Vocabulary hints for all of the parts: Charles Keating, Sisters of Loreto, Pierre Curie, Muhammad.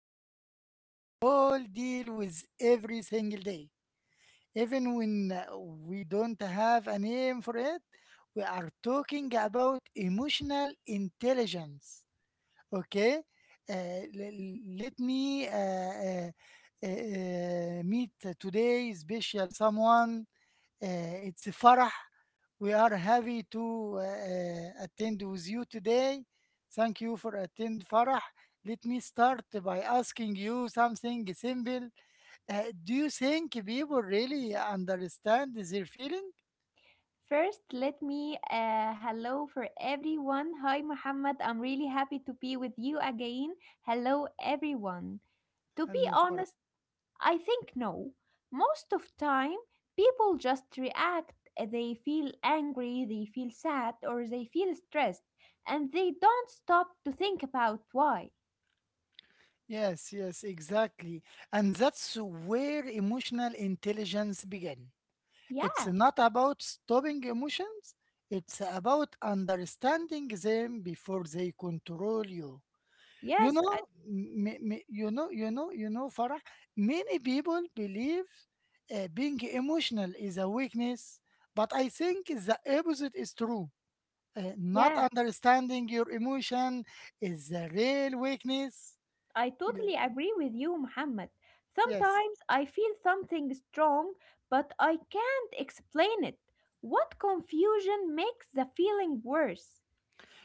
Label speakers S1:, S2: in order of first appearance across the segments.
S1: something we all deal with every single day. Even when we don't have a name for it, we are talking about emotional intelligence. Okay? Let me meet today special someone, it's a Farah. We are happy to attend with you today. Thank you for attend Farah. Let me start by asking you something simple. Do you think people really understand their feeling?
S2: First, let me hello for everyone. Hi, Muhammad. I'm really happy to be with you again. Hello, everyone. To be
S1: Hello, Farah.
S2: honest, I think no. Most of time, people just react. They feel angry, they feel sad, or they feel stressed, and they don't stop to think about why.
S1: Yes, yes, exactly. And that's where emotional intelligence begins. It's
S2: Yeah.
S1: not about stopping emotions, it's about understanding them before they control you. You
S2: Yes.
S1: know, m- m- you know, you know, you know, Farah, many people believe being emotional is a weakness, but I think the opposite is true. Not
S2: Yeah.
S1: understanding your emotion is a real weakness.
S2: I totally
S1: Ye-
S2: agree with you, Muhammad.
S1: Yes.
S2: Sometimes I feel something strong, but I can't explain it. What confusion makes the feeling worse?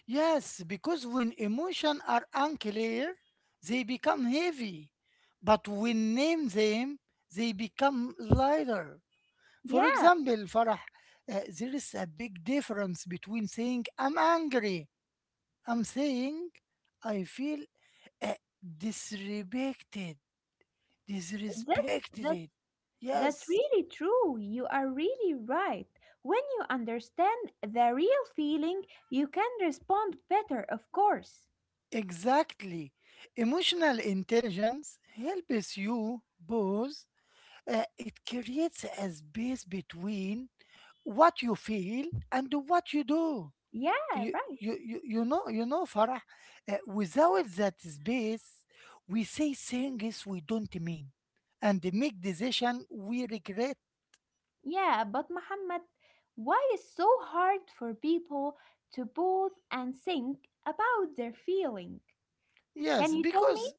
S1: Yes, because when emotions are unclear, they become heavy. But when name them, they become lighter. For
S2: Yeah,
S1: example, Farah, there is a big difference between saying I'm angry, I'm saying I feel uh, disrespected,
S2: that, that,
S1: disrespected.
S2: that's
S1: Yes,
S2: really true. You are really right. When you understand the real feeling, you can respond better, of course.
S1: exactly. Emotional intelligence helps you both. It creates a space between what you feel and what you do.
S2: Yeah,
S1: you
S2: right.
S1: you you you know you know Farah, without that space, we say things we don't mean, and make decision we regret.
S2: Yeah, but Muhammad, why is so hard for people to pause and think about their feeling? Can
S1: Yes,
S2: you tell me?
S1: because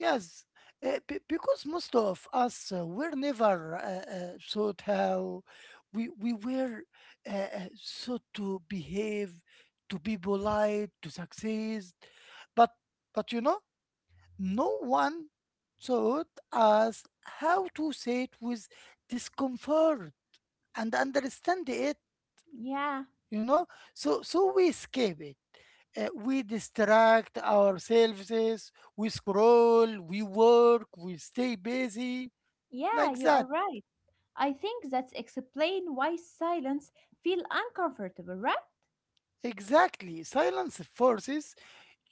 S1: yes, because most of us were never taught how we were uh, uh, taught to behave, to be polite, to succeed, but but you know, no one taught us how to sit with discomfort and understand it,
S2: Yeah,
S1: you know? So we escape it. We distract ourselves, we scroll, we work, we stay busy,
S2: yeah,
S1: like
S2: you are
S1: that.
S2: right. I think that's explain why silence feel uncomfortable, right?
S1: Exactly. Silence forces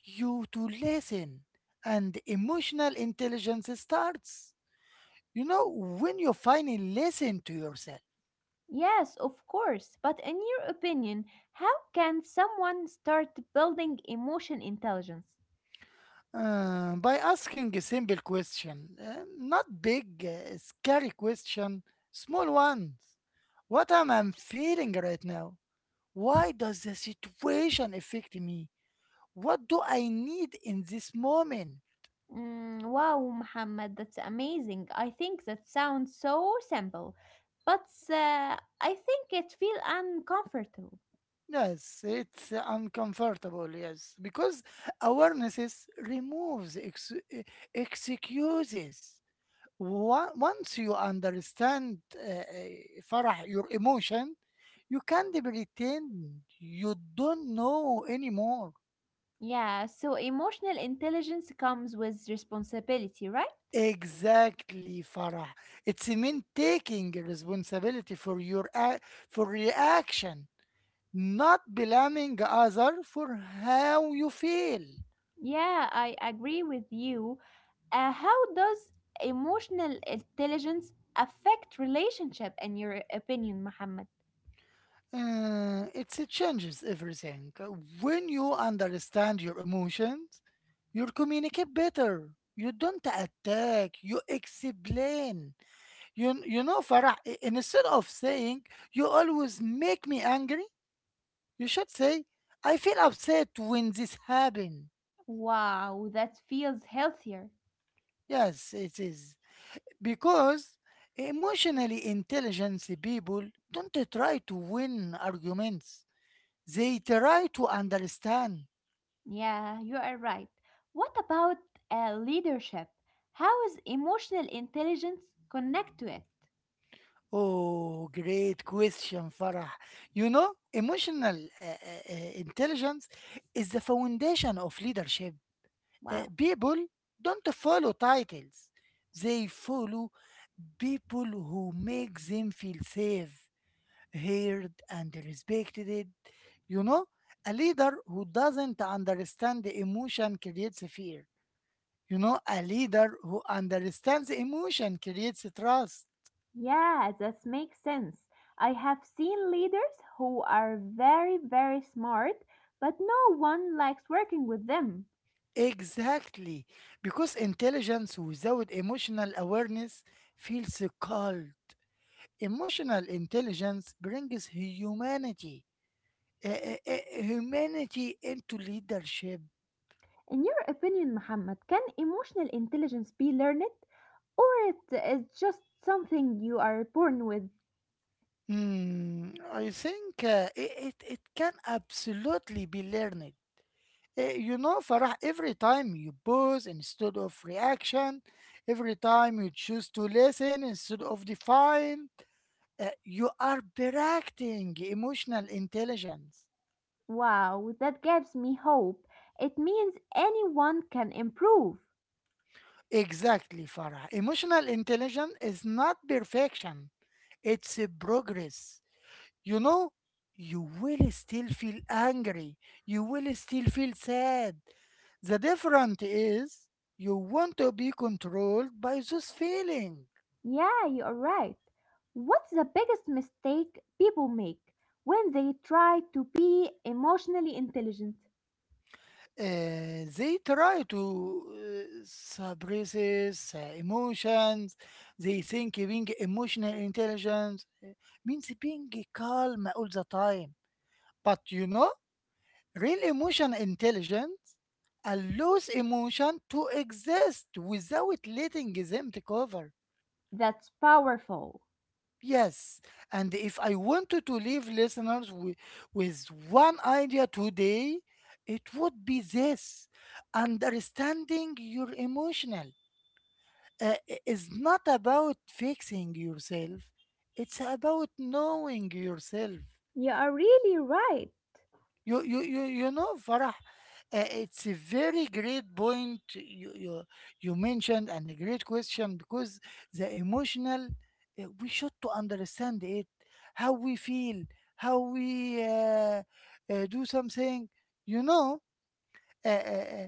S1: you to listen, and emotional intelligence starts, you know, when you finally listen to yourself.
S2: Yes, of course. But in your opinion, how can someone start building emotion intelligence?
S1: By asking a simple question, not big, scary question, small ones. What am I feeling right now? Why does the situation affect me? What do I need in this moment?
S2: Mm, wow, Muhammad, that's amazing. I think that sounds so simple, but uh, I think it feel uncomfortable.
S1: Yes, it's uncomfortable, yes, because awarenesses removes excuses. Once you understand Farah, your emotion, you can't pretend you don't know anymore.
S2: Yeah, so emotional intelligence comes with responsibility, right?
S1: Exactly, Farah. It's mean taking responsibility for your for reaction, not blaming other for how you feel.
S2: Yeah, I agree with you. How does emotional intelligence affect relationship in your opinion, Mohammed?
S1: It changes everything. When you understand your emotions, you communicate better. You don't attack, you explain. You know, Farah, instead of saying, you always make me angry, you should say, I feel upset when this happened.
S2: Wow, that feels healthier.
S1: Yes, it is. Because emotionally intelligent people don't try to win arguments, they try to understand.
S2: Yeah, you are right. What about leadership? How is emotional intelligence connect to it?
S1: Oh, great question, Farah. You know, emotional intelligence is the foundation of leadership.
S2: Wow.
S1: People don't follow titles, they follow people who make them feel safe, heard, and respected. You know, a leader who doesn't understand the emotion creates fear. You know, a leader who understands emotion creates trust.
S2: Yeah, that makes sense. I have seen leaders who are very, very smart, but no one likes working with them.
S1: Exactly, because intelligence without emotional awareness feels cold. Emotional intelligence brings humanity, humanity into leadership.
S2: In your opinion, Muhammad, can emotional intelligence be learned or it is just something you are born with?
S1: Hmm, I think it can absolutely be learned. You know, Farah, every time you pause instead of reaction, every time you choose to listen instead of define, you are practicing emotional intelligence.
S2: Wow, that gives me hope. It means anyone can improve.
S1: Exactly, Farah. Emotional intelligence is not perfection, it's a progress. You know, you will still feel angry, you will still feel sad. The difference is you want to be controlled by those feelings.
S2: Yeah, you are right. What's the biggest mistake people make when they try to be emotionally intelligent?
S1: They try to suppress emotions. They think being emotional intelligence means being calm all the time. But you know, real emotional intelligence allows emotion to exist without letting them take over.
S2: That's powerful.
S1: Yes, and if I wanted to leave listeners with one idea today, it would be this: understanding your emotional is not about fixing yourself, it's about knowing yourself.
S2: You are really right.
S1: You know, Farah, it's a very great point you mentioned and a great question because the emotional, we should to understand it, how we feel, how we do something. You know, uh, uh, uh,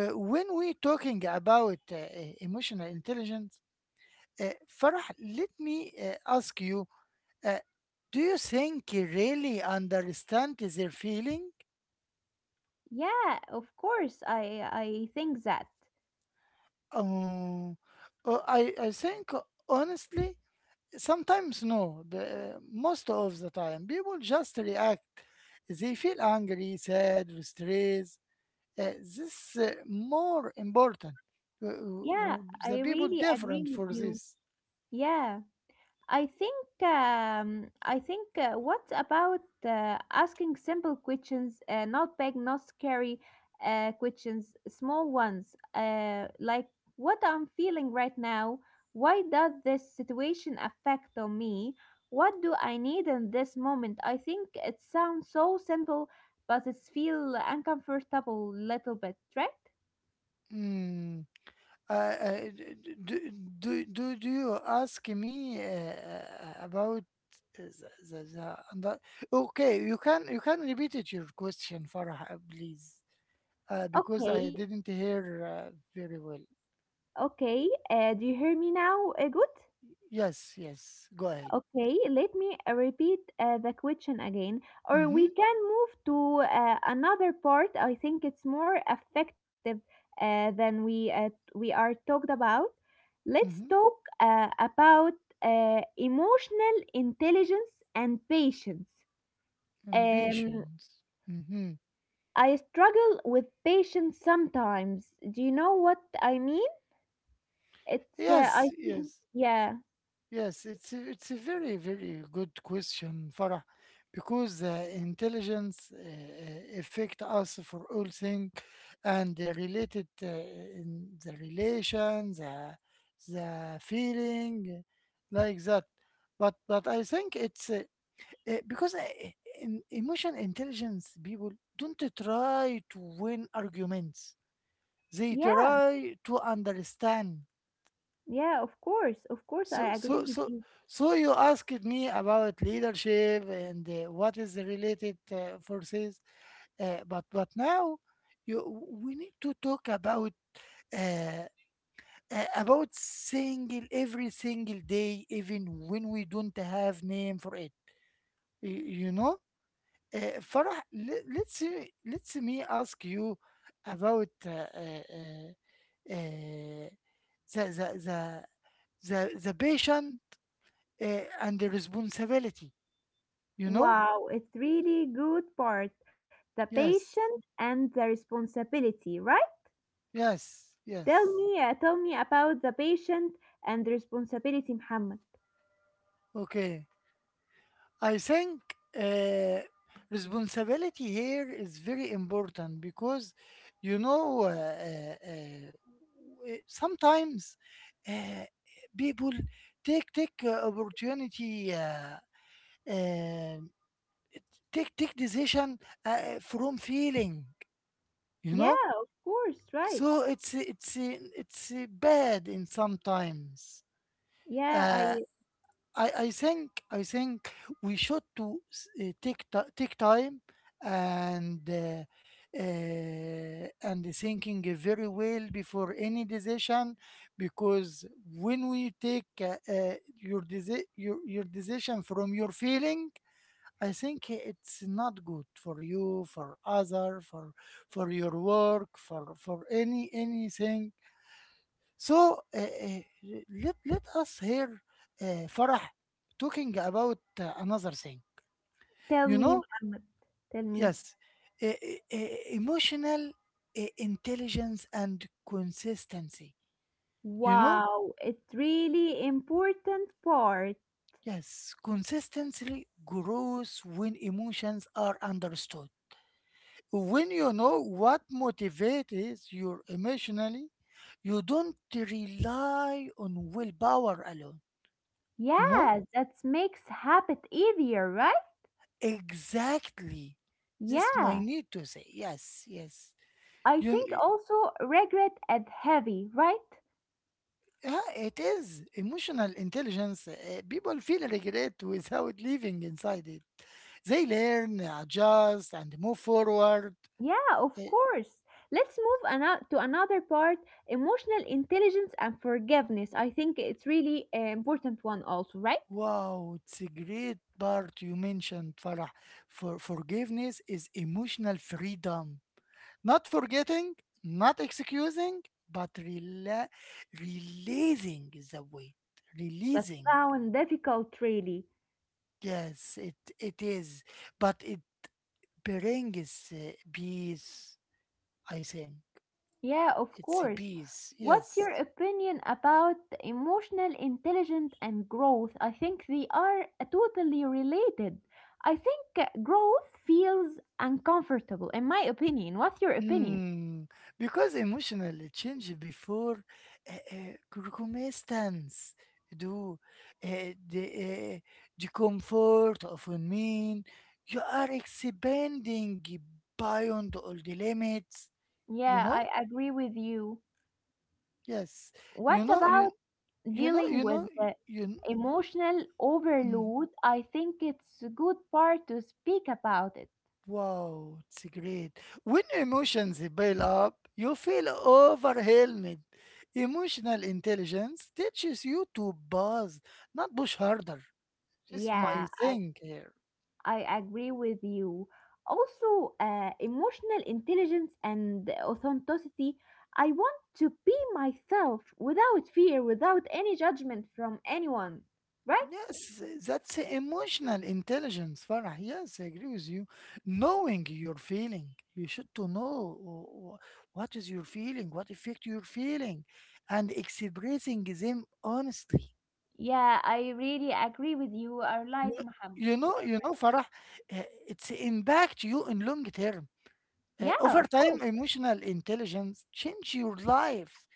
S1: uh, when we talking about emotional intelligence, Farah, let me ask you. Uh, do you think you really understand their feeling?
S2: Yeah, of course. I think that.
S1: Um, I think honestly, sometimes no. Most of the time, people just react. They feel angry, sad, or stressed. This more important.
S2: Yeah,
S1: The
S2: I
S1: people
S2: really agree
S1: different
S2: with
S1: for
S2: you.
S1: this.
S2: Yeah. I think what about asking simple questions, not big, not scary questions, small ones, like what I'm feeling right now. Why does this situation affect on me? What do I need in this moment? I think it sounds so simple, but it feel uncomfortable little bit, right?
S1: Mm. Uh, uh, d- d- do, do you ask me about uh, the, the, the, and the- okay, you can, you can repeat it your question Farah please, because I
S2: Okay,
S1: didn't hear very well.
S2: okay. Do you hear me now? Good.
S1: Yes, yes. Go ahead.
S2: Okay, let me repeat the question again, or
S1: Mm-hmm,
S2: we can move to another part. I think it's more effective than we we are talked about. Let's
S1: mm-hmm.
S2: talk about emotional intelligence and patience. Um,
S1: Ambitions. Mm-hmm.
S2: I struggle with patience sometimes. Do you know what I mean? It's I
S1: Yes,
S2: think
S1: yes,
S2: yeah,
S1: yes. It's a very very good question, Farah, because intelligence affect us for all things, and they related in the relations, the feeling, like that. But I think it's because in emotional intelligence people don't try to win arguments, they
S2: yeah,
S1: try to understand.
S2: yeah. Of course,
S1: so
S2: I agree
S1: so
S2: with
S1: so
S2: you.
S1: so you asked me about leadership and what is the related forces, but now you we need to talk uh, about single every single day even when we don't have name for it. You know, Farah, le- let's me ask you about uh, the the the the patient, uh, and the responsibility. You know?
S2: Wow, it's really good part. The
S1: Yes,
S2: patient and the responsibility, right?
S1: yes,
S2: Tell
S1: yes.
S2: me, uh, tell me about the patient and the responsibility, Muhammad.
S1: Okay. I think uh, responsibility here is very important because you know sometimes uh, people take opportunity, uh, take decision from feeling, you
S2: Yeah,
S1: know,
S2: of course, right.
S1: so it's, it's bad in sometimes.
S2: Yeah,
S1: Uh,
S2: I
S1: I think we should to take time and uh, and thinking very well before any decision, because when we take your decision from your feeling, I think it's not good for you, for other, for your work, for any anything. So let let us hear Farah talking about another thing.
S2: tell
S1: You
S2: me,
S1: know,
S2: Muhammad. Tell me.
S1: yes, uh, uh, uh, emotional intelligence and consistency. You know,
S2: Wow, it's really important part.
S1: yes, consistency grows when emotions are understood. When you know what motivates you emotionally, you don't rely on willpower alone. You know.
S2: Yeah, that makes habit easier, right?
S1: Exactly. This my
S2: Yeah.
S1: need to say. Yes, yes.
S2: I think
S1: You,
S2: also regret is heavy, right?
S1: yeah, it is emotional intelligence. People feel regret without living inside it. They learn, adjust, and move forward.
S2: Yeah,
S1: Uh,
S2: of course. Let's move to another part, emotional intelligence and forgiveness. I think it's really an important one, also, right?
S1: wow, it's a great part you mentioned, Farah. For forgiveness is emotional freedom. Not forgetting, not excusing, but releasing is the way.
S2: That
S1: Releasing.
S2: sounds difficult, really.
S1: Yes, it is, but it brings peace. I think
S2: Yeah, of
S1: it's a
S2: course.
S1: peace.
S2: What's your
S1: Yes.
S2: opinion about emotional intelligence and growth? I think they are totally related. I think growth feels uncomfortable, in my opinion. What's your opinion?
S1: Mm, because emotional change before circumstance do uh, the uh, the comfort of a mean you are expanding beyond all the limits. You
S2: Yeah,
S1: know.
S2: I agree with you.
S1: Yes.
S2: What
S1: You know. You
S2: about
S1: you know.
S2: dealing
S1: You
S2: with
S1: know.
S2: the
S1: You.
S2: emotional
S1: Mm,
S2: overload? I think it's a good part to speak about it.
S1: wow, it's great. When emotions build up, you feel overwhelmed. Emotional intelligence teaches you to pause, not push harder. This is my
S2: Yeah, I,
S1: thing here.
S2: I agree with you. Also, emotional intelligence and authenticity. I want to be myself without fear, without any judgment from anyone, right?
S1: Yes, that's emotional intelligence, Farah. Yes, I agree with you. Knowing your feeling, you should to know what is your feeling, what effect you're feeling, and expressing them honestly.
S2: Yeah, I really agree with you,
S1: You
S2: Arlight Muhammad.
S1: you know, Farah, it's impact you in long term.
S2: Yeah,
S1: Over
S2: of
S1: time,
S2: course.
S1: emotional intelligence change your life.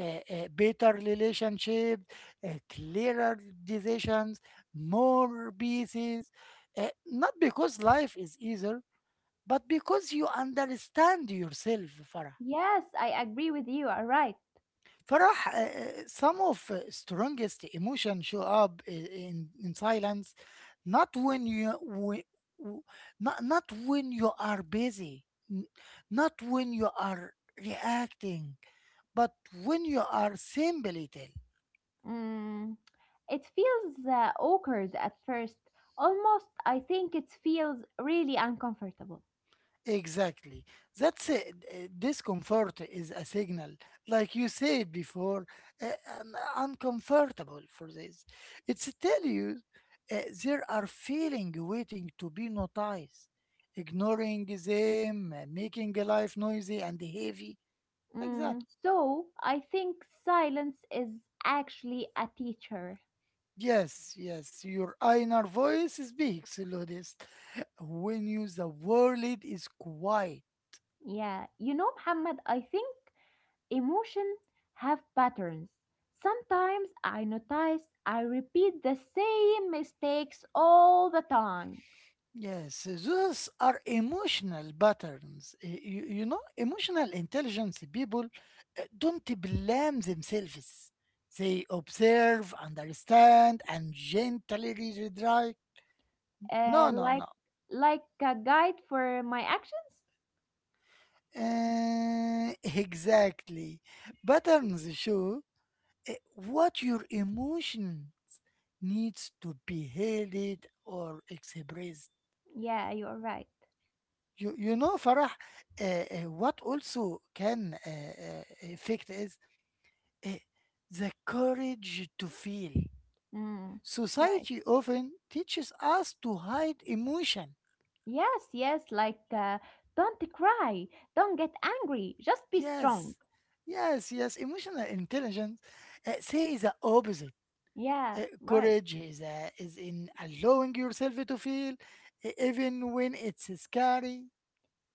S1: Better relationship, clearer decisions, more pieces. Not because life is easier, but because you understand yourself, Farah.
S2: Yes, I agree with you. All right.
S1: Farah, some of strongest emotion show up in silence, not when you whe- w- not not when you are busy, n- not when you are reacting, but when you are simply still.
S2: Mm, it feels awkward at first. Almost, I think it feels really uncomfortable.
S1: Exactly. That's it. Discomfort is a signal, like you said before, uh, I'm uncomfortable for this. It's tell you uh, there are feeling waiting to be noticed, ignoring them, making life noisy and heavy, like that.
S2: So, I think silence is actually a teacher.
S1: Yes, yes, your inner voice speaks, Lodis. When you the world is quiet.
S2: Yeah. You know, Muhammad, I think emotion have patterns. Sometimes I notice I repeat the same mistakes all the time.
S1: Yes, those are emotional patterns. You know, emotional intelligence people don't blame themselves. They observe, understand, and gently rewrite.
S2: Uh,
S1: No, no,
S2: like
S1: no.
S2: like a guide for my actions?
S1: Exactly. Patterns show what your emotion needs to be held or expressed.
S2: Yeah, you are right.
S1: You know, Farah, what also can affect is eh, the courage to feel.
S2: Mm, right.
S1: Society often teaches us to hide emotion.
S2: Yes, yes, like don't cry, don't get angry, just be strong.
S1: Yes, yes, yes. Emotional intelligence say the opposite.
S2: Yeah,
S1: Uh,
S2: right.
S1: courage is, uh, is in allowing yourself to feel, even when it's scary.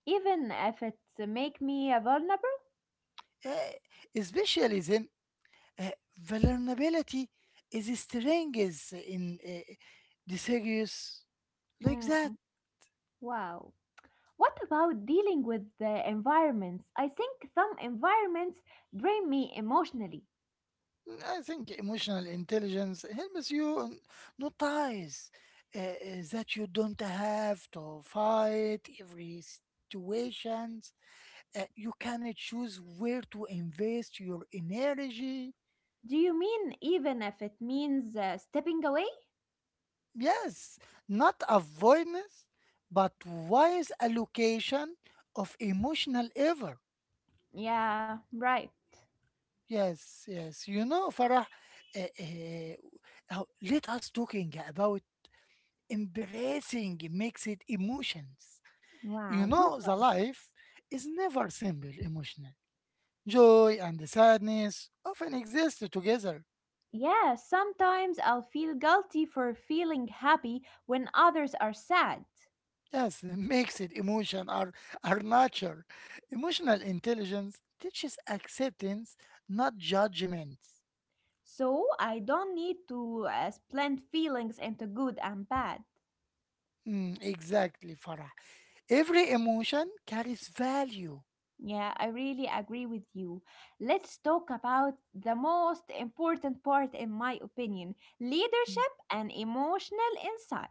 S2: Even if it's make me vulnerable?
S1: Uh, Especially then, uh, vulnerability is strength in the serious, like
S2: Mm,
S1: that.
S2: wow. What about dealing with the environments? I think some environments drain me emotionally.
S1: I think emotional intelligence helps you notice that you don't have to fight every situations. You can choose where to invest your energy.
S2: Do you mean even if it means stepping away?
S1: Yes, not avoidance, but wise allocation of emotional effort.
S2: Yeah, right.
S1: Yes, yes. You know, Farah, uh, uh, let us talking about embracing mixed emotions.
S2: Wow,
S1: You
S2: good.
S1: know, the life is never simple emotionally. Joy and sadness often exist together.
S2: Yeah, sometimes I'll feel guilty for feeling happy when others are sad.
S1: Yes, mixed emotion are nature. Emotional intelligence teaches acceptance, not judgment.
S2: So I don't need to split feelings into good and bad.
S1: Mm, exactly, Farah. Every emotion carries value.
S2: Yeah, I really agree with you. Let's talk about the most important part, in my opinion,
S1: Mm.
S2: leadership and emotional insight.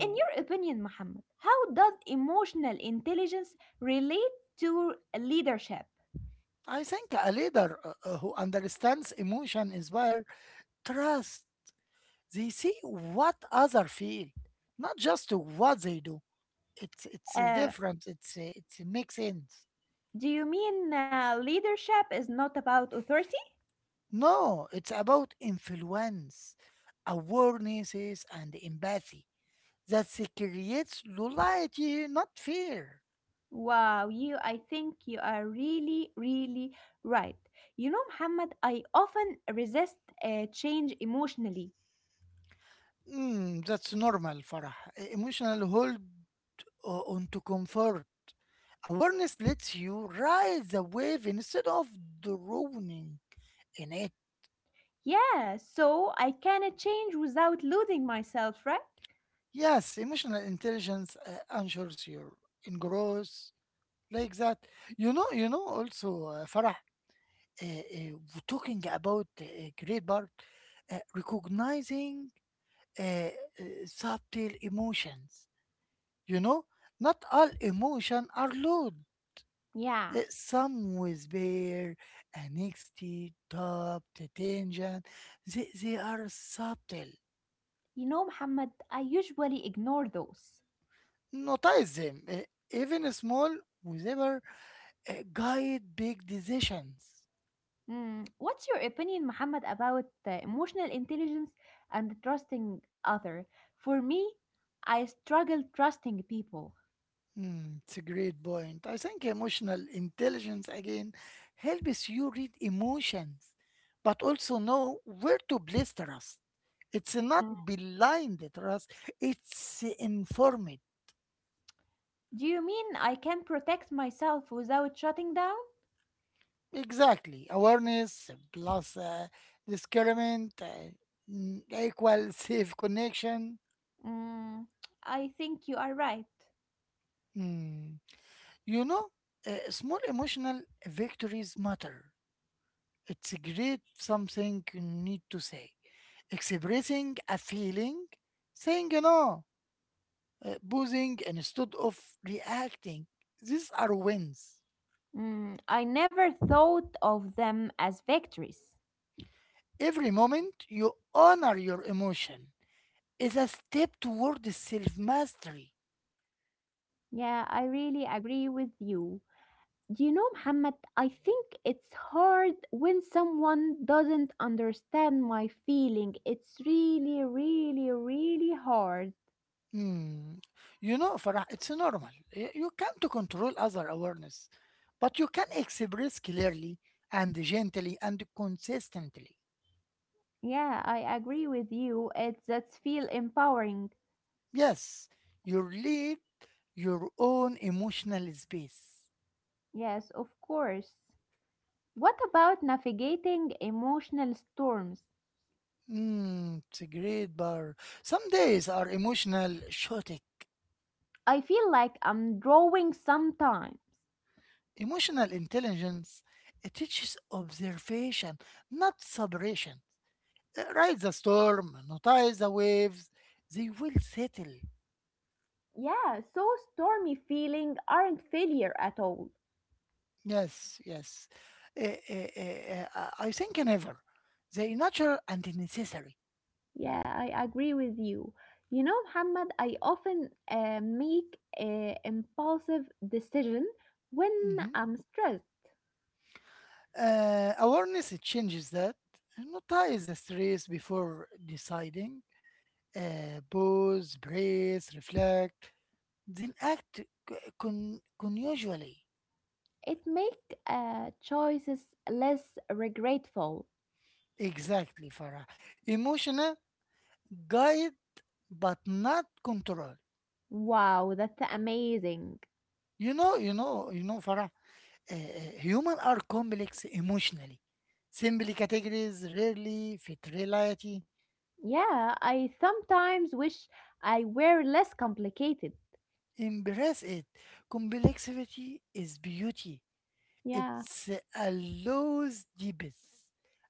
S2: In your opinion, Mohammed, how does emotional intelligence relate to leadership?
S1: I think a leader who understands emotion inspires trust. They see what other feel, not just what they do. It's
S2: Uh,
S1: different. It's makes sense.
S2: do you mean leadership is not about authority?
S1: No, it's about influence, awarenesses, and empathy. That creates loyalty, not fear.
S2: Wow, I think you are really, really right. You know, Muhammad, I often resist change emotionally.
S1: Mm, that's normal, Farah. Emotional hold onto comfort. Awareness lets you ride the wave instead of drowning in it.
S2: Yeah, so I cannot change without losing myself, right?
S1: Yes, emotional intelligence ensures your in growth like that. You know, you know. Also, Farah, talking about great part, recognizing uh, uh, subtle emotions. You know, not all emotion are loud.
S2: Yeah.
S1: Some with bear, anxiety, doubt, tension. They are subtle.
S2: You know, Muhammad, I usually ignore those.
S1: Notice them, even small, whatever guide big decisions.
S2: What's your opinion, Muhammad, about emotional intelligence and trusting other? For me, I struggle trusting people.
S1: Hmm, it's a great point. I think emotional intelligence again helps you read emotions, but also know where to place trust. It's not
S2: Mm.
S1: blind trust, it's informed.
S2: Do you mean I can protect myself without shutting down?
S1: Exactly. Awareness plus discernment equals safe connection.
S2: Mm, I think you are right.
S1: Hmm. You know, small emotional victories matter. It's a great something you need to say. Expressing a feeling, saying no, posing instead of reacting. These are wins.
S2: I never thought of them as victories.
S1: Every moment you honor your emotion is a step toward self mastery.
S2: Yeah, I really agree with you. Do you know, Muhammad? I think it's hard when someone doesn't understand my feeling. It's really, really, really hard.
S1: Hmm. You know, Farah, it's normal. You can't control other awareness, but you can express clearly and gently and consistently.
S2: Yeah, I agree with you. It's that's feel empowering.
S1: Yes, you lead your own emotional space.
S2: Yes, of course. What about navigating emotional storms?
S1: Mm, it's a great bar. Some days are emotional shooting.
S2: I feel like I'm drawing sometimes.
S1: Emotional intelligence it teaches observation, not separation. Ride the storm, notice the waves, they will settle.
S2: Yeah, so stormy feeling aren't failure at all.
S1: Yes, yes. I think never. They natural and necessary.
S2: Yeah, I agree with you. You know, Muhammad, I often make impulsive decision when
S1: Mhm.
S2: I'm stressed.
S1: Awareness it changes that. Notice the stress before deciding. Pause, brace, reflect, then act unusually.
S2: It make choices less regretful.
S1: Exactly, Farah. Emotional guide, but not control.
S2: Wow, that's amazing.
S1: You know, Farah. Human are complex emotionally. Simple categories rarely fit reality.
S2: Yeah, I sometimes wish I were less complicated.
S1: Embrace it. Complexity is beauty.
S2: Yeah.
S1: It's allows deepest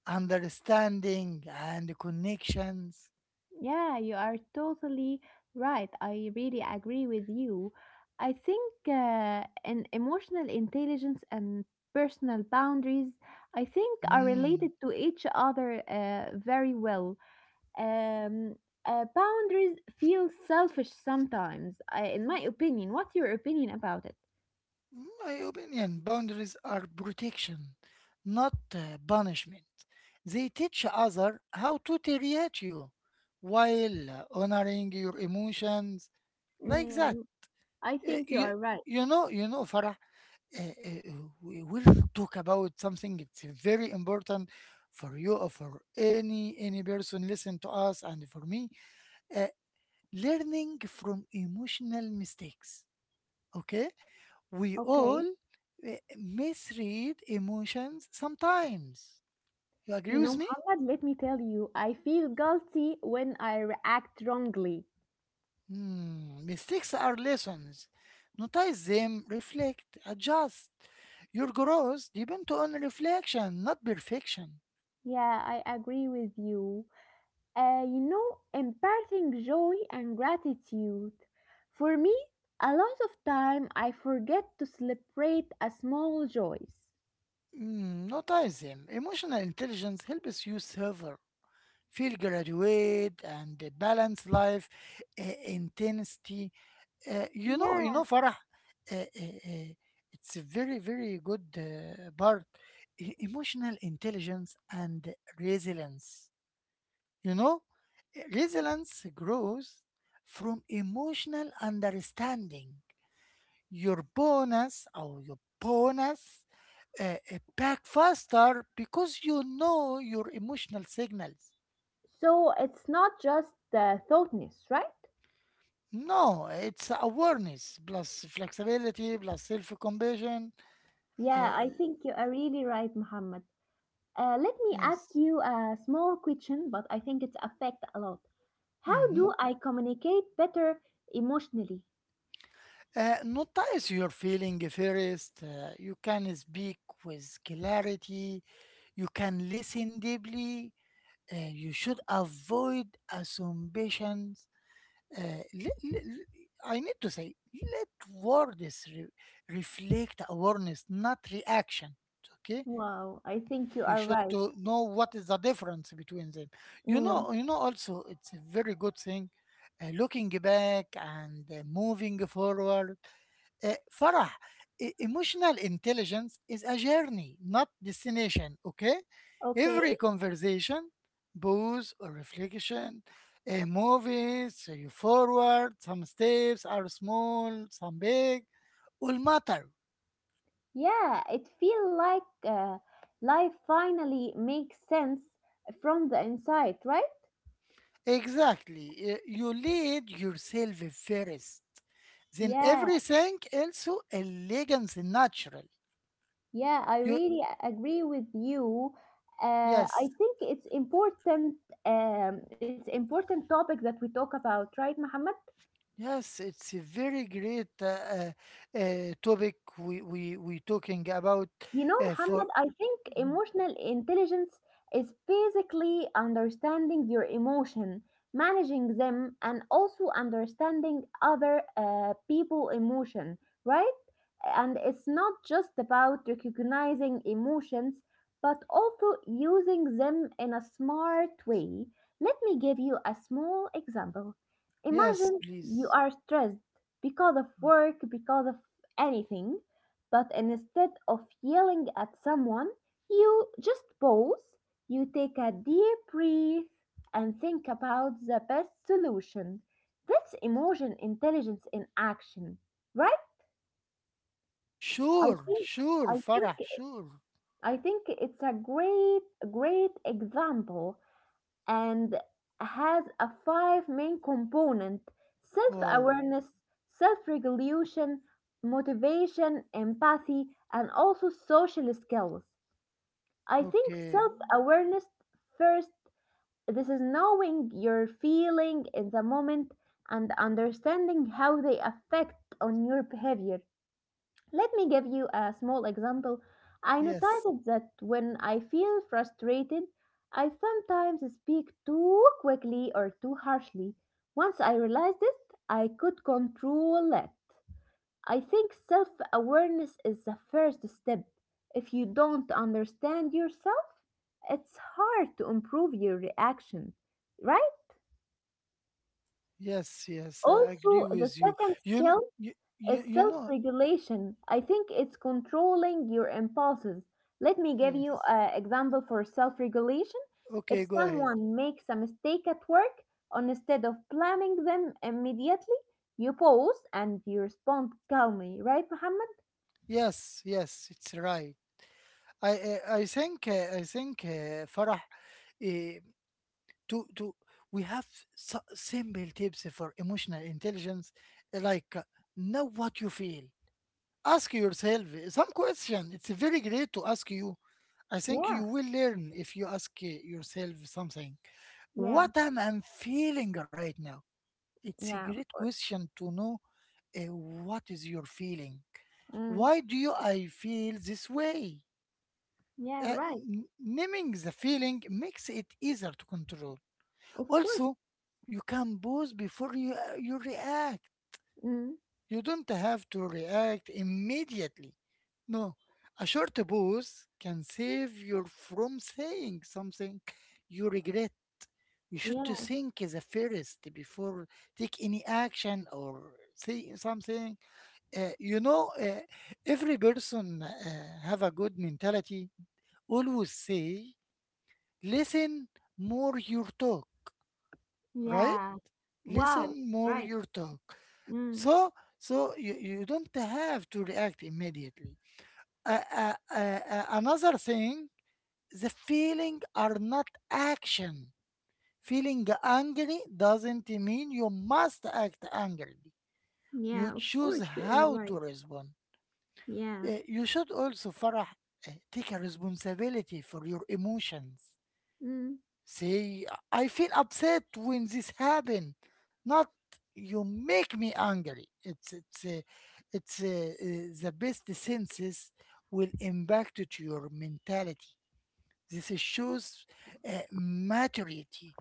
S1: understanding and connections.
S2: Yeah, you are totally right. I really agree with you. I think in emotional intelligence and personal boundaries, I think are
S1: Mm.
S2: related to each other very well. Um, Boundaries feel selfish sometimes, in my opinion. What's your opinion about it?
S1: My opinion, boundaries are protection, not punishment. They teach other how to treat you while honoring your emotions like that.
S2: Mm, I think you
S1: You,
S2: are right.
S1: you know, Farah, uh, uh, we will talk about something it's very important for you or for any person listen to us and for me uh, learning from emotional mistakes. Okay, we
S2: Okay.
S1: all uh, misread emotions sometimes. You agree
S2: You know,
S1: with me?
S2: Muhammad, let me tell you, I feel guilty when I react wrongly.
S1: Hmm, mistakes are lessons. Notice them, reflect, adjust. Your growth depends on reflection, not perfection.
S2: Yeah, I agree with you. Imparting joy and gratitude. For me, a lot of time I forget to celebrate a small joys.
S1: Mm, no them. Emotional intelligence helps you survive, feel graduate, and balance life intensity. You know, you
S2: Yeah,
S1: know, Farah. Uh, uh, uh, it's a very, very good part. Emotional intelligence and resilience. You know, resilience grows from emotional understanding. Your bonus back faster because you know your emotional signals.
S2: so it's not just the thoughtness, right?
S1: No, it's awareness plus flexibility plus self compassion. Uh,
S2: Yeah, I think you are really right, Muhammad. Let me ask
S1: yes.
S2: you a small question, but I think it affects a lot. How
S1: Mm-hmm.
S2: do I communicate better emotionally?
S1: Notice your feeling first. You can speak with clarity. You can listen deeply. You should avoid assumptions. Uh, let, let, I need to say, let words reflect awareness, not reaction. Okay,
S2: Wow, I think you
S1: you
S2: are
S1: should
S2: right.
S1: to know what is the difference between them. You
S2: Mm,
S1: know, you know. Also, it's a very good thing. Looking back and moving forward, Farah, emotional intelligence is a journey, not destination, okay?
S2: okay.
S1: Every conversation, booze or reflection, a movie, so you forward, some steps are small, some big, will matter.
S2: Yeah, it feels like life finally makes sense from the inside, right?
S1: Exactly. You lead yourself first. Then
S2: Yeah.
S1: everything else elegance naturally.
S2: Yeah, I
S1: You
S2: really agree with you. I
S1: yes.
S2: think it's important. It's important topic that we talk about, right, Muhammad?
S1: Yes, it's a very great topic we talking about
S2: You know,
S1: for.
S2: Muhammad, I think emotional intelligence is basically understanding your emotion, managing them, and also understanding other people emotion, right? And it's not just about recognizing emotions, but also using them in a smart way. Let me give you a small example.
S1: Yes,
S2: Imagine you
S1: please.
S2: are stressed because of work, because of anything, but instead of yelling at someone, you just pause, you take a deep breath, and think about the best solution. That's emotion intelligence in action, right? I
S1: Sure,
S2: think
S1: sure,
S2: I think
S1: Farah, sure.
S2: I think it's a great example, and has a five main component:
S1: Wow.
S2: self-awareness, self-regulation, motivation, empathy, and also social skills. I think
S1: Okay.
S2: self-awareness first, this is knowing your feeling in the moment and understanding how they affect on your behavior. Let me give you a small example. I
S1: Yes,
S2: noticed that when I feel frustrated, I sometimes speak too quickly or too harshly. Once I realized it, I could control it. I think self awareness is the first step. If you don't understand yourself, it's hard to improve your reaction, right?
S1: yes, yes. I agree
S2: Also,
S1: with
S2: the
S1: you.
S2: second
S1: You know,
S2: skill, it's
S1: you
S2: self
S1: know.
S2: regulation. I think it's controlling your impulses. Let me give you
S1: Yes.
S2: an example for self regulation. If
S1: Okay, go ahead.
S2: someone makes a mistake at work, instead of blaming them immediately, you pause and you respond calmly, right, Muhammad?
S1: Yes, yes, it's right. I think Farah, uh, to we have s- simple tips for emotional intelligence, like know what you feel, ask yourself some question. It's very great to ask you. I think you
S2: Yeah,
S1: will learn if you ask yourself something.
S2: yeah,
S1: What am I feeling right now? It's a
S2: yeah, of
S1: great
S2: course.
S1: question to know. uh, what is your feeling?
S2: Mm,
S1: Why do you i feel this way?
S2: yeah,
S1: Uh,
S2: right,
S1: n- Naming the feeling makes it easier to control.
S2: of course.
S1: Also, you can pause before you react.
S2: Mm,
S1: You don't have to react immediately. No, a short pause can save you from saying something you regret. You should to
S2: yeah,
S1: think as a first before take any action or say something. You know, every person have a good mentality. Always say, listen more your talk, right?
S2: yeah. Wow,
S1: Listen more
S2: right.
S1: your talk.
S2: Mm,
S1: So, you, you don't have to react immediately. Uh, uh, uh, Another thing, the feeling are not action. Feeling angry doesn't mean you must act angrily. You
S2: yeah, of
S1: choose
S2: course, you are
S1: how
S2: right.
S1: to respond.
S2: Yeah.
S1: You should also, Farah, take a responsibility for your emotions.
S2: Mm.
S1: See, I feel upset when this happen. Not you make me angry. It's uh, the best senses will impact it your mentality. This shows maturity.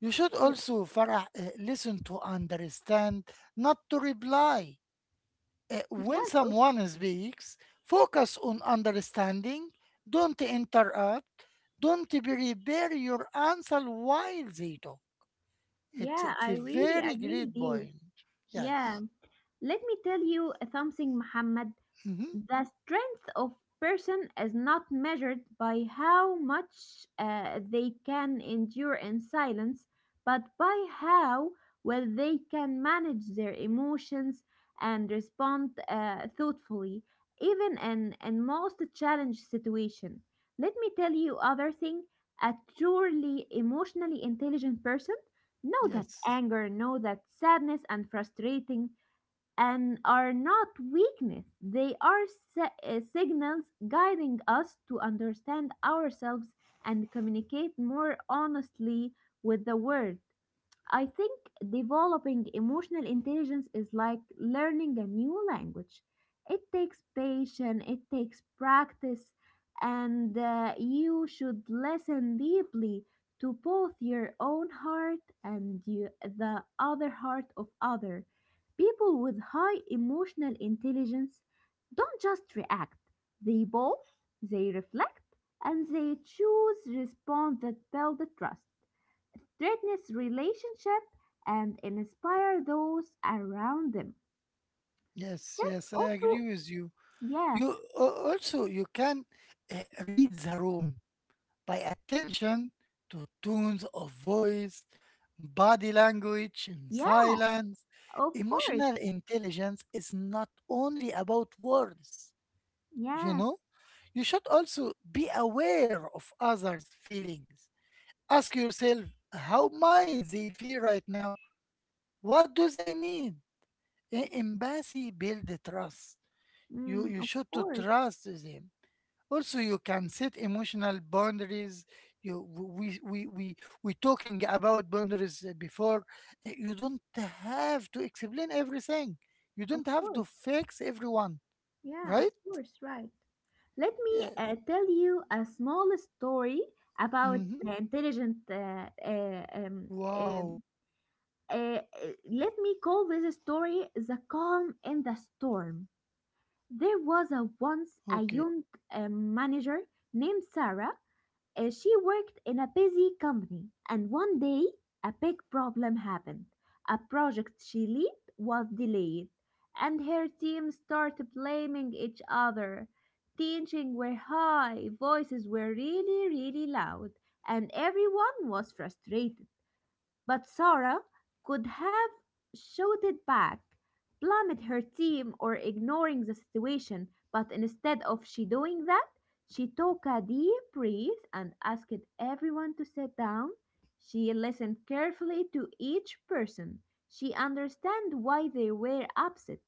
S1: You should
S2: Y-
S1: also, Farah, listen to understand, not to reply. When
S2: Yes, of
S1: someone speaks, focus on understanding, don't interrupt, don't prepare your answer while they talk.
S2: Yeah,
S1: It's a
S2: I really
S1: very
S2: agree
S1: great
S2: with you.
S1: point. Yes.
S2: Yeah, let me tell you something, Muhammad.
S1: Hmm.
S2: The strength of person is not measured by how much they can endure in silence, but by how well they can manage their emotions and respond thoughtfully, even in most challenge situation. Let me tell you other thing. A truly emotionally intelligent person know that
S1: Yes.
S2: anger, know that sadness and frustrating and are not weakness. They are signals guiding us to understand ourselves and communicate more honestly with the world. I think developing emotional intelligence is like learning a new language. It takes patience, it takes practice, and you should listen deeply to both your own heart and the other heart of other. People with high emotional intelligence don't just react, they both, they reflect, and they choose response that build the trust strengthens relationship and inspire those around them.
S1: Yes,
S2: That's
S1: yes, I
S2: also
S1: agree with you.
S2: yeah,
S1: You also you can uh, read the room, by attention to tones of voice, body language, and
S2: yeah,
S1: silence.
S2: of course.
S1: Emotional intelligence is not only about words, you
S2: Yeah,
S1: know? You should also be aware of others' feelings. Ask yourself, how might they feel right now? What do they need? Empathy build trust. You
S2: mm,
S1: you
S2: of
S1: should to
S2: course,
S1: trust them. Also you can set emotional boundaries. You we we we we talking about boundaries before. You don't have to explain everything, you
S2: of
S1: don't have to
S2: course.
S1: fix everyone,
S2: Yeah, of
S1: right?
S2: course, right. Let me
S1: Yes,
S2: uh, tell you a small story about
S1: mm-hmm.
S2: the intelligent. Um,
S1: Wow.
S2: uh, uh, Let me call this story "The Calm in the Storm." There was a once a
S1: Okay.
S2: young manager named Sarah. She worked in a busy company, and one day a big problem happened. A project she led was delayed, and her team started blaming each other. Tensions were high, voices were really, really loud, and everyone was frustrated. But Sarah could have shouted back, blamed her team, or ignoring the situation, but instead of she doing that, she took a deep breath and asked everyone to sit down. She listened carefully to each person. She understood why they were upset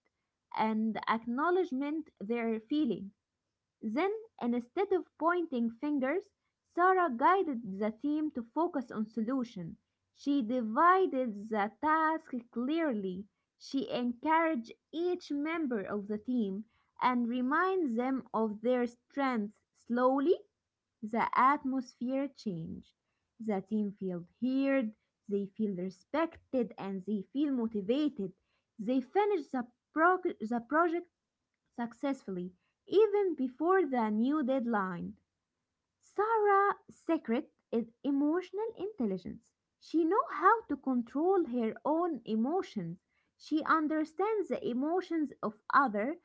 S2: and acknowledged their feeling. Then, instead of pointing fingers, Sarah guided the team to focus on solution. She divided the task clearly. She encouraged each member of the team and reminds them of their strengths. Slowly, the atmosphere changed. The team felt heard, they feel respected, and they feel motivated. They finished the project successfully even before the new deadline. Sarah secret is emotional intelligence. She knows how to control her own emotions. She understands the emotions of other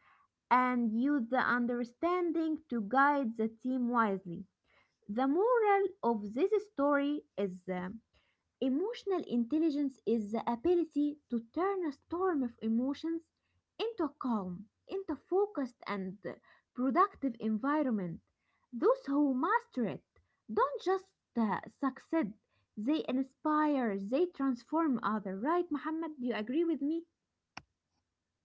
S2: and use the understanding to guide the team wisely. The moral of this story is emotional intelligence is the ability to turn a storm of emotions into a calm, into a focused and productive environment. Those who master it don't just uh, succeed, they inspire, they transform others. Right, Muhammad? Do you agree with me?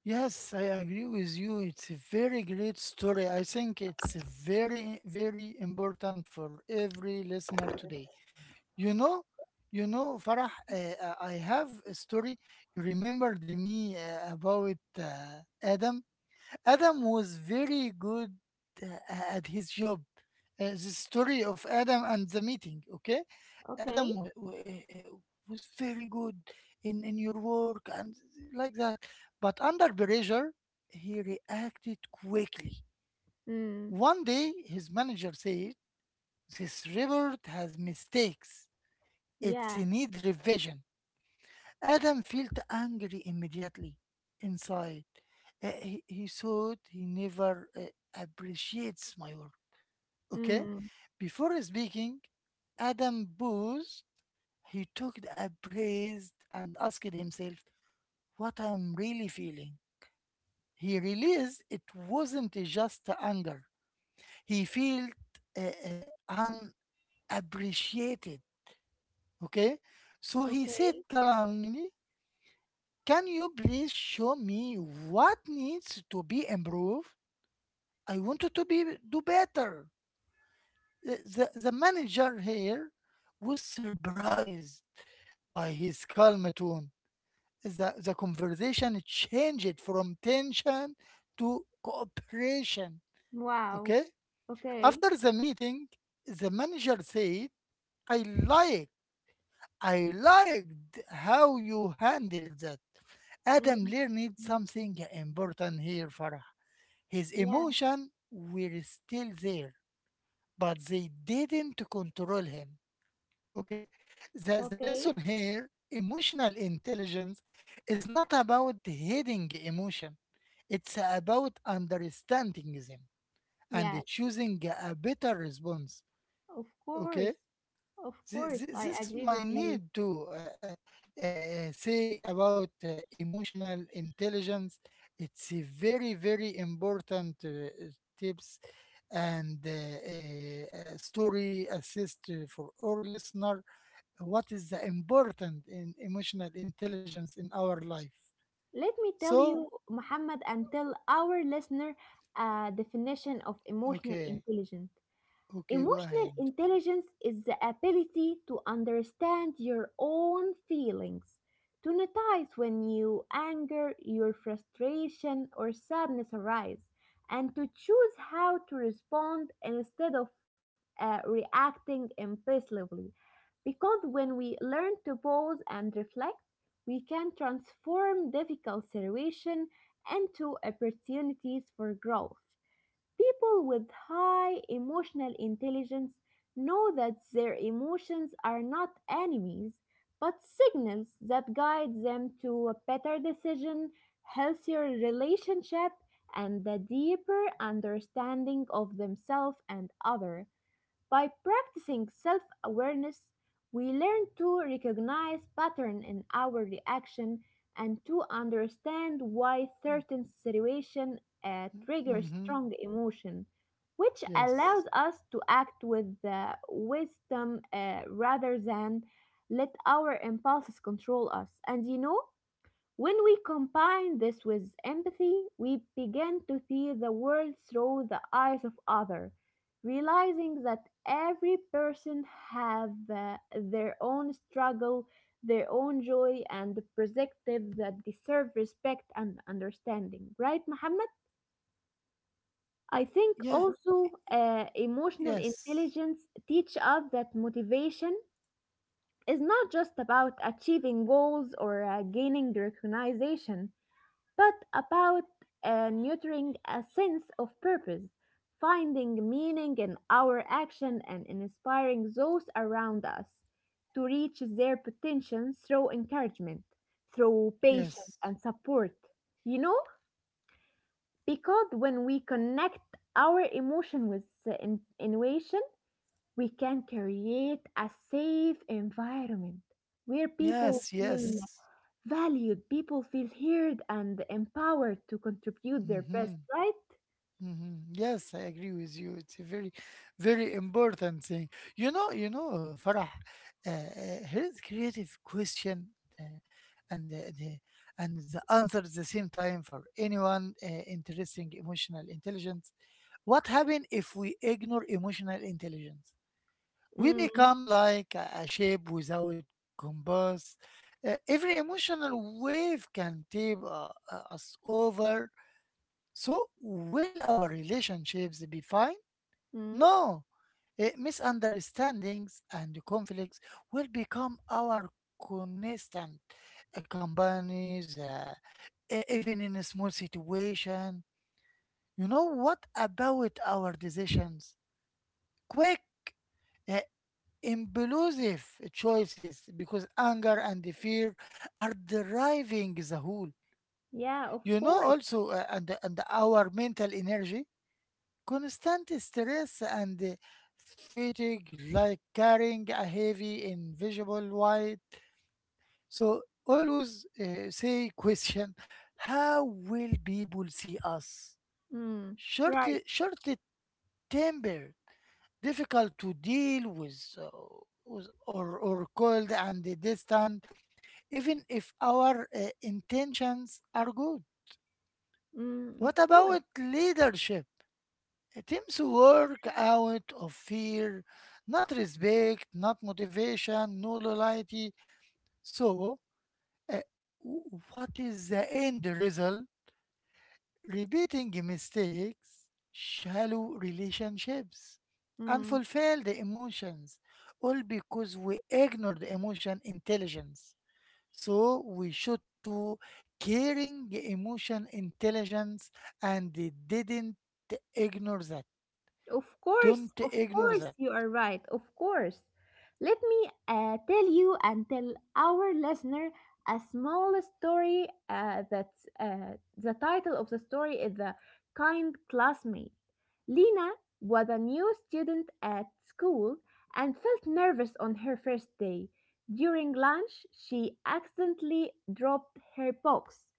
S1: Yes, I agree with you. It's a very great story. I think it's very very important for every listener today. You know, you know, Farah, I have a story. You remembered me about Adam. Adam was very good at his job. The story of Adam and the meeting, okay?
S2: Okay.
S1: Adam was very good in your work and like that. But under pressure, he reacted quickly.
S2: Mm.
S1: One day, his manager said, This report has mistakes.
S2: Yeah.
S1: It's need revision. Adam felt angry immediately inside. He thought he never appreciates my work. Okay?
S2: Mm.
S1: Before speaking, Adam paused. He took a breath and asked himself, what I'm really feeling. He realized it wasn't just anger. He felt uh, uh, unappreciated. Okay? So he
S2: Okay.
S1: said calmly, can you please show me what needs to be improved? I wanted to be do better. The, the manager here was surprised by his calm tone. The conversation changed from tension to cooperation.
S2: Wow.
S1: Okay?
S2: Okay.
S1: After the meeting, the manager said, I like, I liked how you handled that. Adam
S2: Mm.
S1: learned something important here, Farah. His
S2: Yeah.
S1: emotion were still there, but they didn't control him. Okay? The
S2: Okay.
S1: lesson here, emotional intelligence is not about hiding emotion, it's about understanding them and
S2: Yes.
S1: choosing a better response.
S2: Of course,
S1: Okay?
S2: of course, I
S1: This
S2: agree
S1: my
S2: with you.
S1: need to say about emotional intelligence. It's a very very important tips and story assist for our listener. What is the important in emotional intelligence in our life?
S2: Let me tell
S1: So
S2: you, Muhammad, and tell our listener a definition of emotional
S1: okay,
S2: intelligence.
S1: okay, go
S2: Emotional
S1: ahead.
S2: intelligence is the ability to understand your own feelings, to notice when you anger, your frustration, or sadness arise, and to choose how to respond instead of reacting impulsively. Because when we learn to pause and reflect, we can transform difficult situations into opportunities for growth. People with high emotional intelligence know that their emotions are not enemies, but signals that guide them to a better decision, healthier relationship, and a deeper understanding of themselves and others. By practicing self awareness, we learn to recognize patterns in our reaction and to understand why certain situations trigger
S1: Mm-hmm.
S2: strong emotion, which allows
S1: Yes.
S2: us to act with wisdom rather than let our impulses control us. And you know, when we combine this with empathy, we begin to see the world through the eyes of others, realizing that every person have their own struggle, their own joy and perspective that deserve respect and understanding. Right, Muhammad? I think
S1: Yeah.
S2: also emotional
S1: Yes.
S2: intelligence teach us that motivation is not just about achieving goals or gaining recognition but about nurturing a sense of purpose, finding meaning in our action, and inspiring those around us to reach their potential through encouragement, through
S1: Yes.
S2: patience, and support. You know, because when we connect our emotion with the innovation, we can create a safe environment where people
S1: Yes.
S2: feel
S1: Yes.
S2: valued. People feel heard and empowered to contribute their best,
S1: Mm-hmm.
S2: right?
S1: Mm-hmm. Yes, I agree with you. It's a very, very important thing. You know, Farah, here's creative question, uh, and the and the answer at the same time for anyone interesting emotional intelligence. What happens if we ignore emotional intelligence? We
S2: Mm,
S1: become like a shape without compass. Every emotional wave can tip us over. So, will our relationships be fine?
S2: mm,
S1: No. Eh, misunderstandings and conflicts will become our constant companies, even in a small situation. You know what about our decisions? Quick, uh, impulsive choices because anger and the fear are driving the whole.
S2: yeah, of
S1: You know,
S2: course.
S1: also, and our mental energy. Constant stress and fatigue, like carrying a heavy, invisible weight. So always say question: How will people see us?
S2: Mm, right.
S1: Short tempered, difficult to deal with. Or cold and distant, even if our intentions are good.
S2: Mm, of
S1: What
S2: course.
S1: about leadership? Teams work out of fear, not respect, not motivation, no loyalty. So, uh, what is the end result? Repeating mistakes, shallow relationships,
S2: Mm.
S1: unfulfilled emotions, all because we ignored emotion intelligence. So, we should to caring emotion intelligence and didn't ignore that. Don't
S2: Of
S1: ignore
S2: course,
S1: that.
S2: you are right. Of course. Let me tell you and tell our listener a small story. That The title of the story is "The Kind Classmate." Lena was a new student at school and felt nervous on her first day. During lunch, she accidentally dropped her box,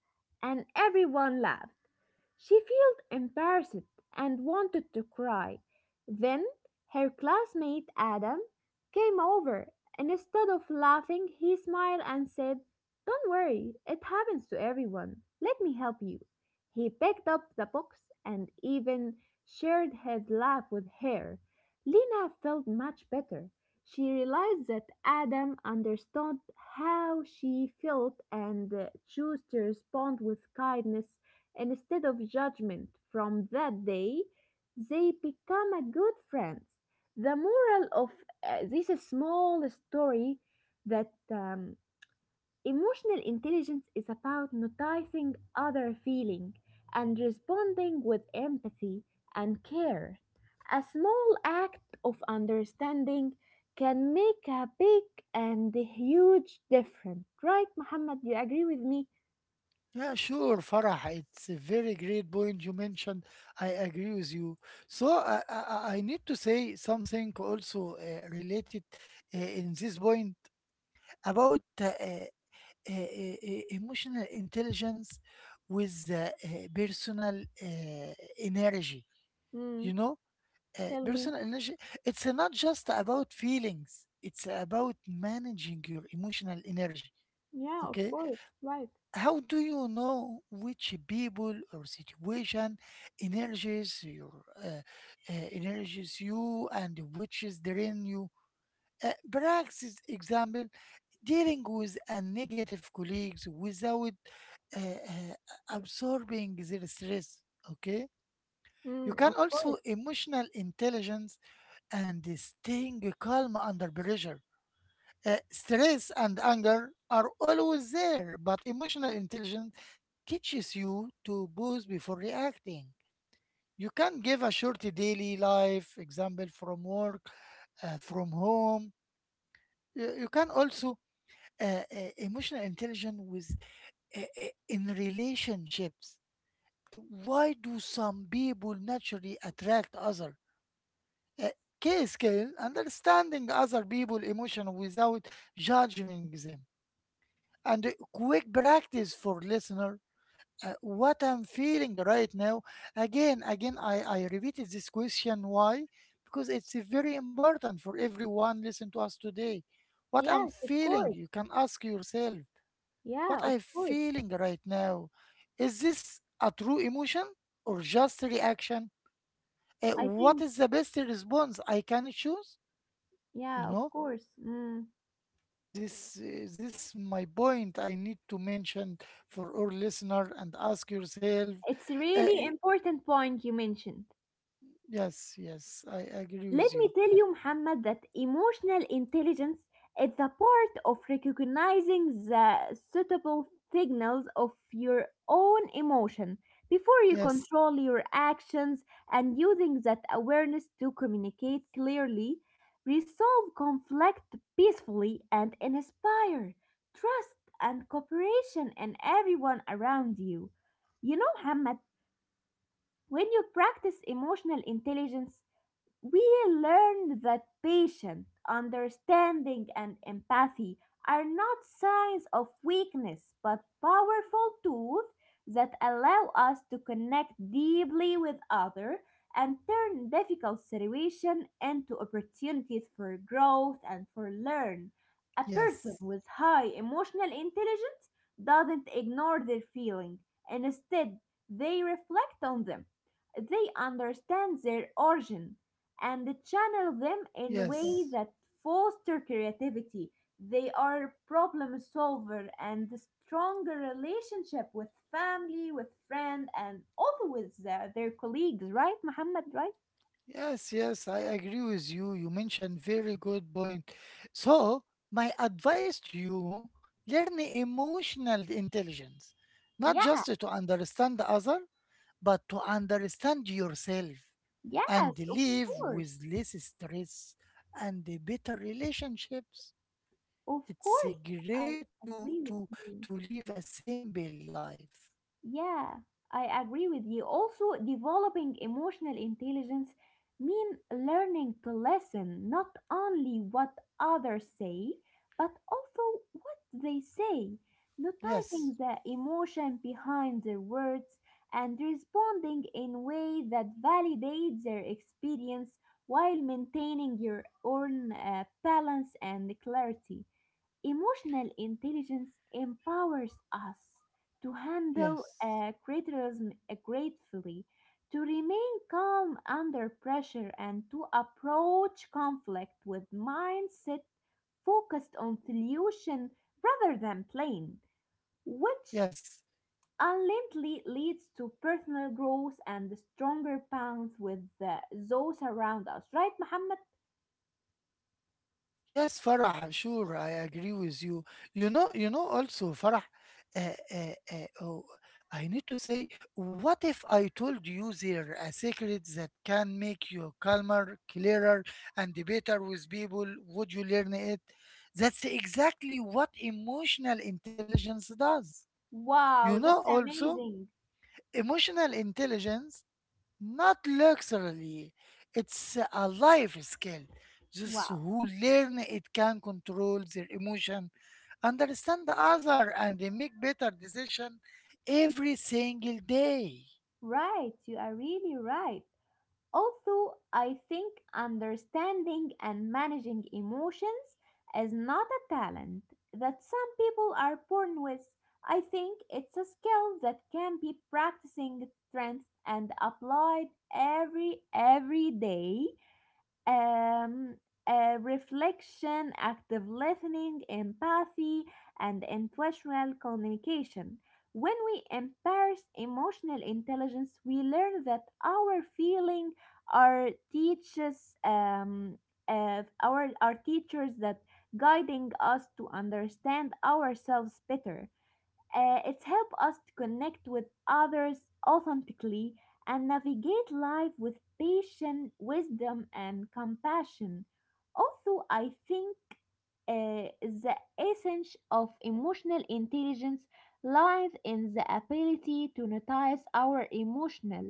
S2: and everyone laughed. She felt embarrassed and wanted to cry. Then her classmate Adam came over. Instead of laughing, he smiled and said, "Don't worry, it happens to everyone. Let me help you." He picked up the box and even shared his laugh with her. Lena felt much better. She realized that Adam understood how she felt and chose to respond with kindness instead of judgment. From that day, they become a good friends. The moral of this small story that emotional intelligence is about noticing other feeling and responding with empathy and care. A small act of understanding can make a big and huge difference, right, Muhammad? Do you agree with me?
S1: Yeah, sure, Farah. It's a very great point you mentioned. I agree with you. So I need to say something also, related in this point about emotional intelligence with personal, uh, energy.
S2: Hmm,
S1: You know,
S2: tell me.
S1: personal energy. It's not just about feelings. It's about managing your emotional energy.
S2: Yeah, of
S1: Okay,
S2: course. Right.
S1: how do you know which people or situation energies your energies you and which is drain you? Perhaps example, dealing with a negative colleagues without uh, uh, absorbing their stress. Okay, you
S2: Mm, of
S1: can
S2: course.
S1: also emotional intelligence and staying calm under pressure. Stress and anger are always there, but emotional intelligence teaches you to pause before reacting. You can give a short daily life example from work, from home. You can also uh, uh, emotional intelligence with in relationships. Why do some people naturally attract other? Uh, K scale understanding other people emotion without judging them and quick practice for listener, what I'm feeling right now. Again, I repeated this question. Why? Because it's, very important for everyone listen to us today. What I'm
S2: Yes, of
S1: feeling,
S2: course.
S1: you can ask yourself, what
S2: Yeah, of
S1: I'm
S2: course.
S1: feeling right now. Is this a true emotion or just a reaction?
S2: I
S1: What
S2: think,
S1: is the best response I can choose? You
S2: yeah, of
S1: know,
S2: course. Mm.
S1: this my point I need to mention for our listener and ask yourself.
S2: It's a
S1: Uh,
S2: really important point you mentioned.
S1: Yes, yes, I agree with
S2: Let me
S1: you.
S2: tell you, Muhammad, that emotional intelligence is the part of recognizing the suitable signals of your own emotion before you
S1: Yes,
S2: control your actions and using that awareness to communicate clearly, resolve conflict peacefully, and inspire trust and cooperation in everyone around you. You know, Muhammad, when you practice emotional intelligence, we learned that patience, understanding, and empathy are not signs of weakness but powerful tools that allow us to connect deeply with others and turn difficult situations into opportunities for growth and for learn. A person
S1: yes,
S2: with high emotional intelligence doesn't ignore their feelings. Instead, they reflect on them. They understand their origin and channel them in way
S1: yes,
S2: that foster creativity. They are problem solver and stronger relationship with family, with friend, and also with their colleagues, right, Muhammad? Right?
S1: yes, I agree with you. You mentioned very good point. So, my advice to you, learn emotional intelligence, not just
S2: Yeah.
S1: to understand the other, but to understand yourself
S2: Yes,
S1: and live
S2: course,
S1: with less stress and better relationships.
S2: of
S1: It's
S2: course, I
S1: great to
S2: agree with
S1: to
S2: you.
S1: to live a simple life.
S2: Yeah, I agree with you. Also, developing emotional intelligence mean learning to listen not only what others say, but also what they say, noticing
S1: Yes.
S2: the emotion behind their words and responding in way that validates their experience while maintaining your own balance and clarity. Emotional intelligence empowers us to handle
S1: Yes.
S2: criticism gratefully, to remain calm under pressure, and to approach conflict with mindset focused on solution rather than blame, which
S1: Yes.
S2: ultimately leads to personal growth and stronger bonds with those around us. Right, Muhammad?
S1: Yes, Farah, sure, I agree with you. You know also, Farah, uh, uh, uh, oh, I need to say, what if I told you there a secret that can make you calmer, clearer, and better with people? Would you learn it? That's exactly what emotional intelligence does. You
S2: Wow,
S1: know,
S2: that's
S1: also,
S2: amazing.
S1: emotional intelligence not luxury. It's a life skill. Those
S2: Wow.
S1: who learn it can control their emotion, understand the other, and they make better decision every single day.
S2: Right, you are really right. Although I think understanding and managing emotions is not a talent that some people are born with, I think it's a skill that can be practicing strength and applied every day um, reflection, active listening, empathy, and intentional communication. When we embrace emotional intelligence, we learn that our feeling are teaches our teachers that guiding us to understand ourselves better. It's helped us to connect with others authentically and navigate life with patience, wisdom, and compassion. Also, I think the essence of emotional intelligence lies in the ability to notice our emotional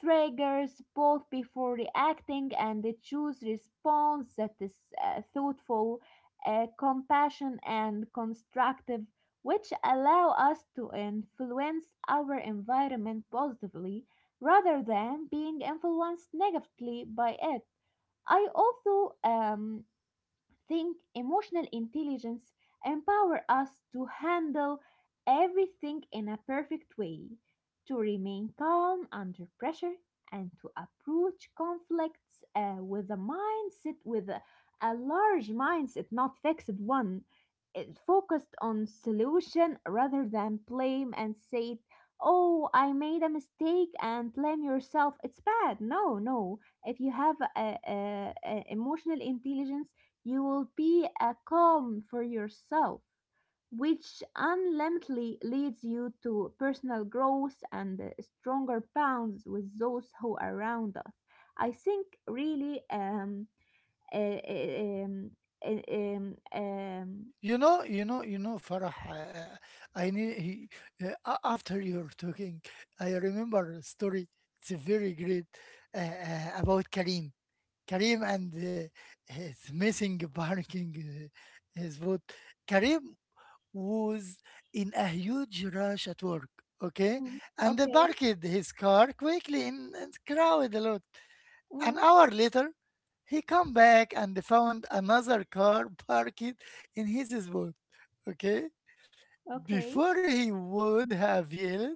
S2: triggers both before reacting and choose response that is thoughtful, compassion and constructive, which allow us to influence our environment positively rather than being influenced negatively by it. I also think emotional intelligence empower us to handle everything in a perfect way, to remain calm under pressure, and to approach conflicts with a mindset, with a large mindset, not fixed one, it focused on solution rather than blame and say, "Oh, I made a mistake," and blame yourself. It's bad. No, no. If you have a emotional intelligence, you will be a calm for yourself, which ultimately leads you to personal growth and stronger bonds with those who are around us. I think really uh, um, uh, um, um,
S1: Farah. I need he, after you're talking, I remember a story. It's a very great, about Karim. Karim and, his missing parking, his vote. Karim was in a huge rush at work, okay,
S2: mm,
S1: and
S2: okay,
S1: parked his car quickly in a crowded lot. An
S2: mm,
S1: hour later, he come back and found another car parked in his spot, okay?
S2: okay,
S1: Before he would have yelled,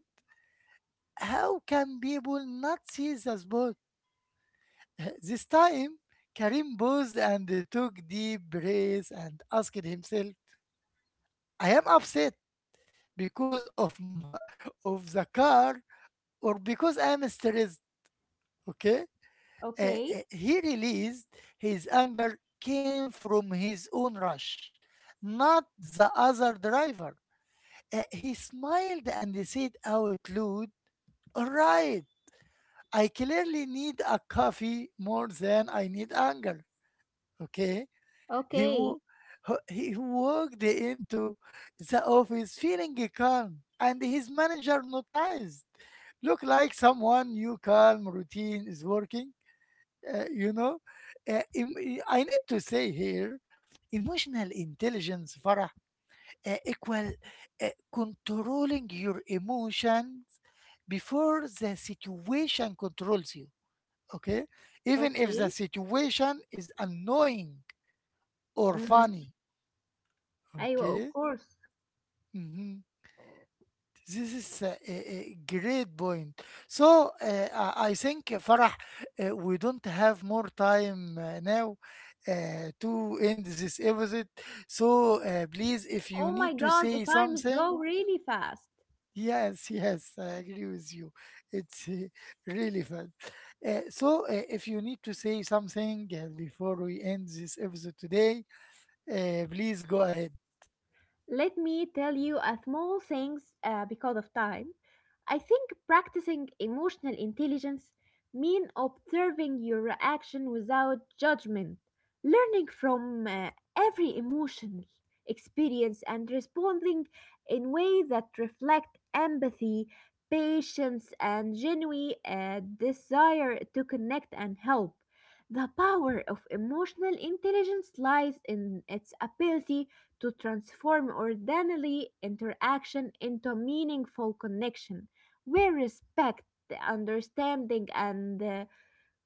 S1: how can people not see the spot? This time, Karim paused and took deep breaths and asked himself, I am upset because of, of the car, or because I am stressed, okay?
S2: okay,
S1: He released his anger came from his own rush, not the other driver. He smiled and said out loud, all right, I clearly need a coffee more than I need anger. Okay? He,
S2: okay,
S1: wo- he walked into the office feeling calm, and his manager noticed look like someone new calm routine is working. You know, I need to say here emotional intelligence, Farah, equal, controlling your emotions before the situation controls you. Okay, even if
S2: okay,
S1: the situation is annoying or
S2: mm.
S1: funny.
S2: I will, of
S1: Okay.
S2: course.
S1: Mm-hmm. This is a great point. So, I think, Farah, we don't have more time now to end this episode. So, please, if you
S2: Oh
S1: need
S2: my
S1: to
S2: God,
S1: say
S2: the time is
S1: something,
S2: go really fast.
S1: yes, yes, I agree with you. It's, really fun. So, if you need to say something, before we end this episode today, please go ahead.
S2: Let me tell you a small things because of time. I think practicing emotional intelligence mean observing your reaction without judgment, learning from every emotional experience and responding in ways that reflect empathy, patience, and genuine desire to connect and help. The power of emotional intelligence lies in its ability to transform ordinary interaction into meaningful connection, where respect, understanding, and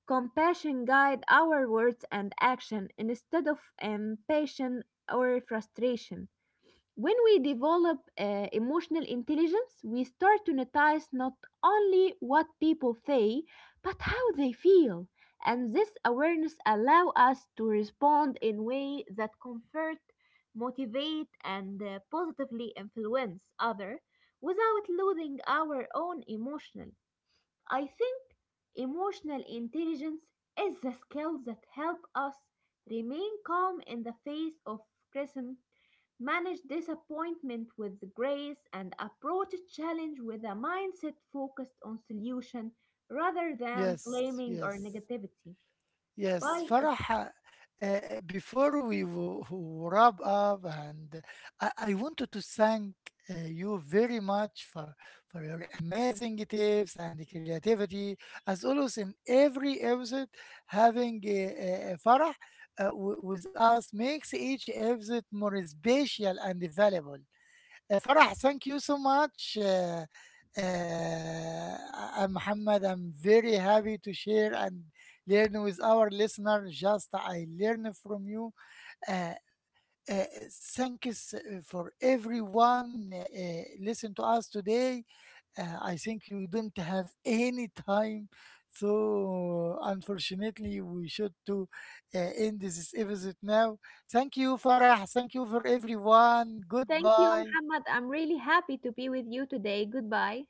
S2: compassion guide our words and action instead of impatience or frustration. When we develop emotional intelligence, we start to notice not only what people say, but how they feel. And this awareness allow us to respond in way that comfort, motivate, and positively influence other without losing our own emotional. I think emotional intelligence is the skill that helps us remain calm in the face of criticism, manage disappointment with grace, and approach challenge with a mindset focused on solution rather than
S1: Yes,
S2: blaming or
S1: yes.
S2: negativity.
S1: Yes,
S2: Bye.
S1: Farah, before we wrap up, and I wanted to thank, you very much for your amazing tips and creativity. As always, in every episode, having Farah, with us makes each episode more special and valuable. Farah, thank you so much. Uh, I'm Muhammad. I'm very happy to share and learn with our listener. Just I learn from you. Uh, uh, thank you s- for everyone, listen to us today. I think you don't have any time, so unfortunately we should to, end this episode now. Thank you, Farah. Thank you for everyone.
S2: Thank you,
S1: Goodbye.
S2: Muhammad. I'm really happy to be with you today. Goodbye.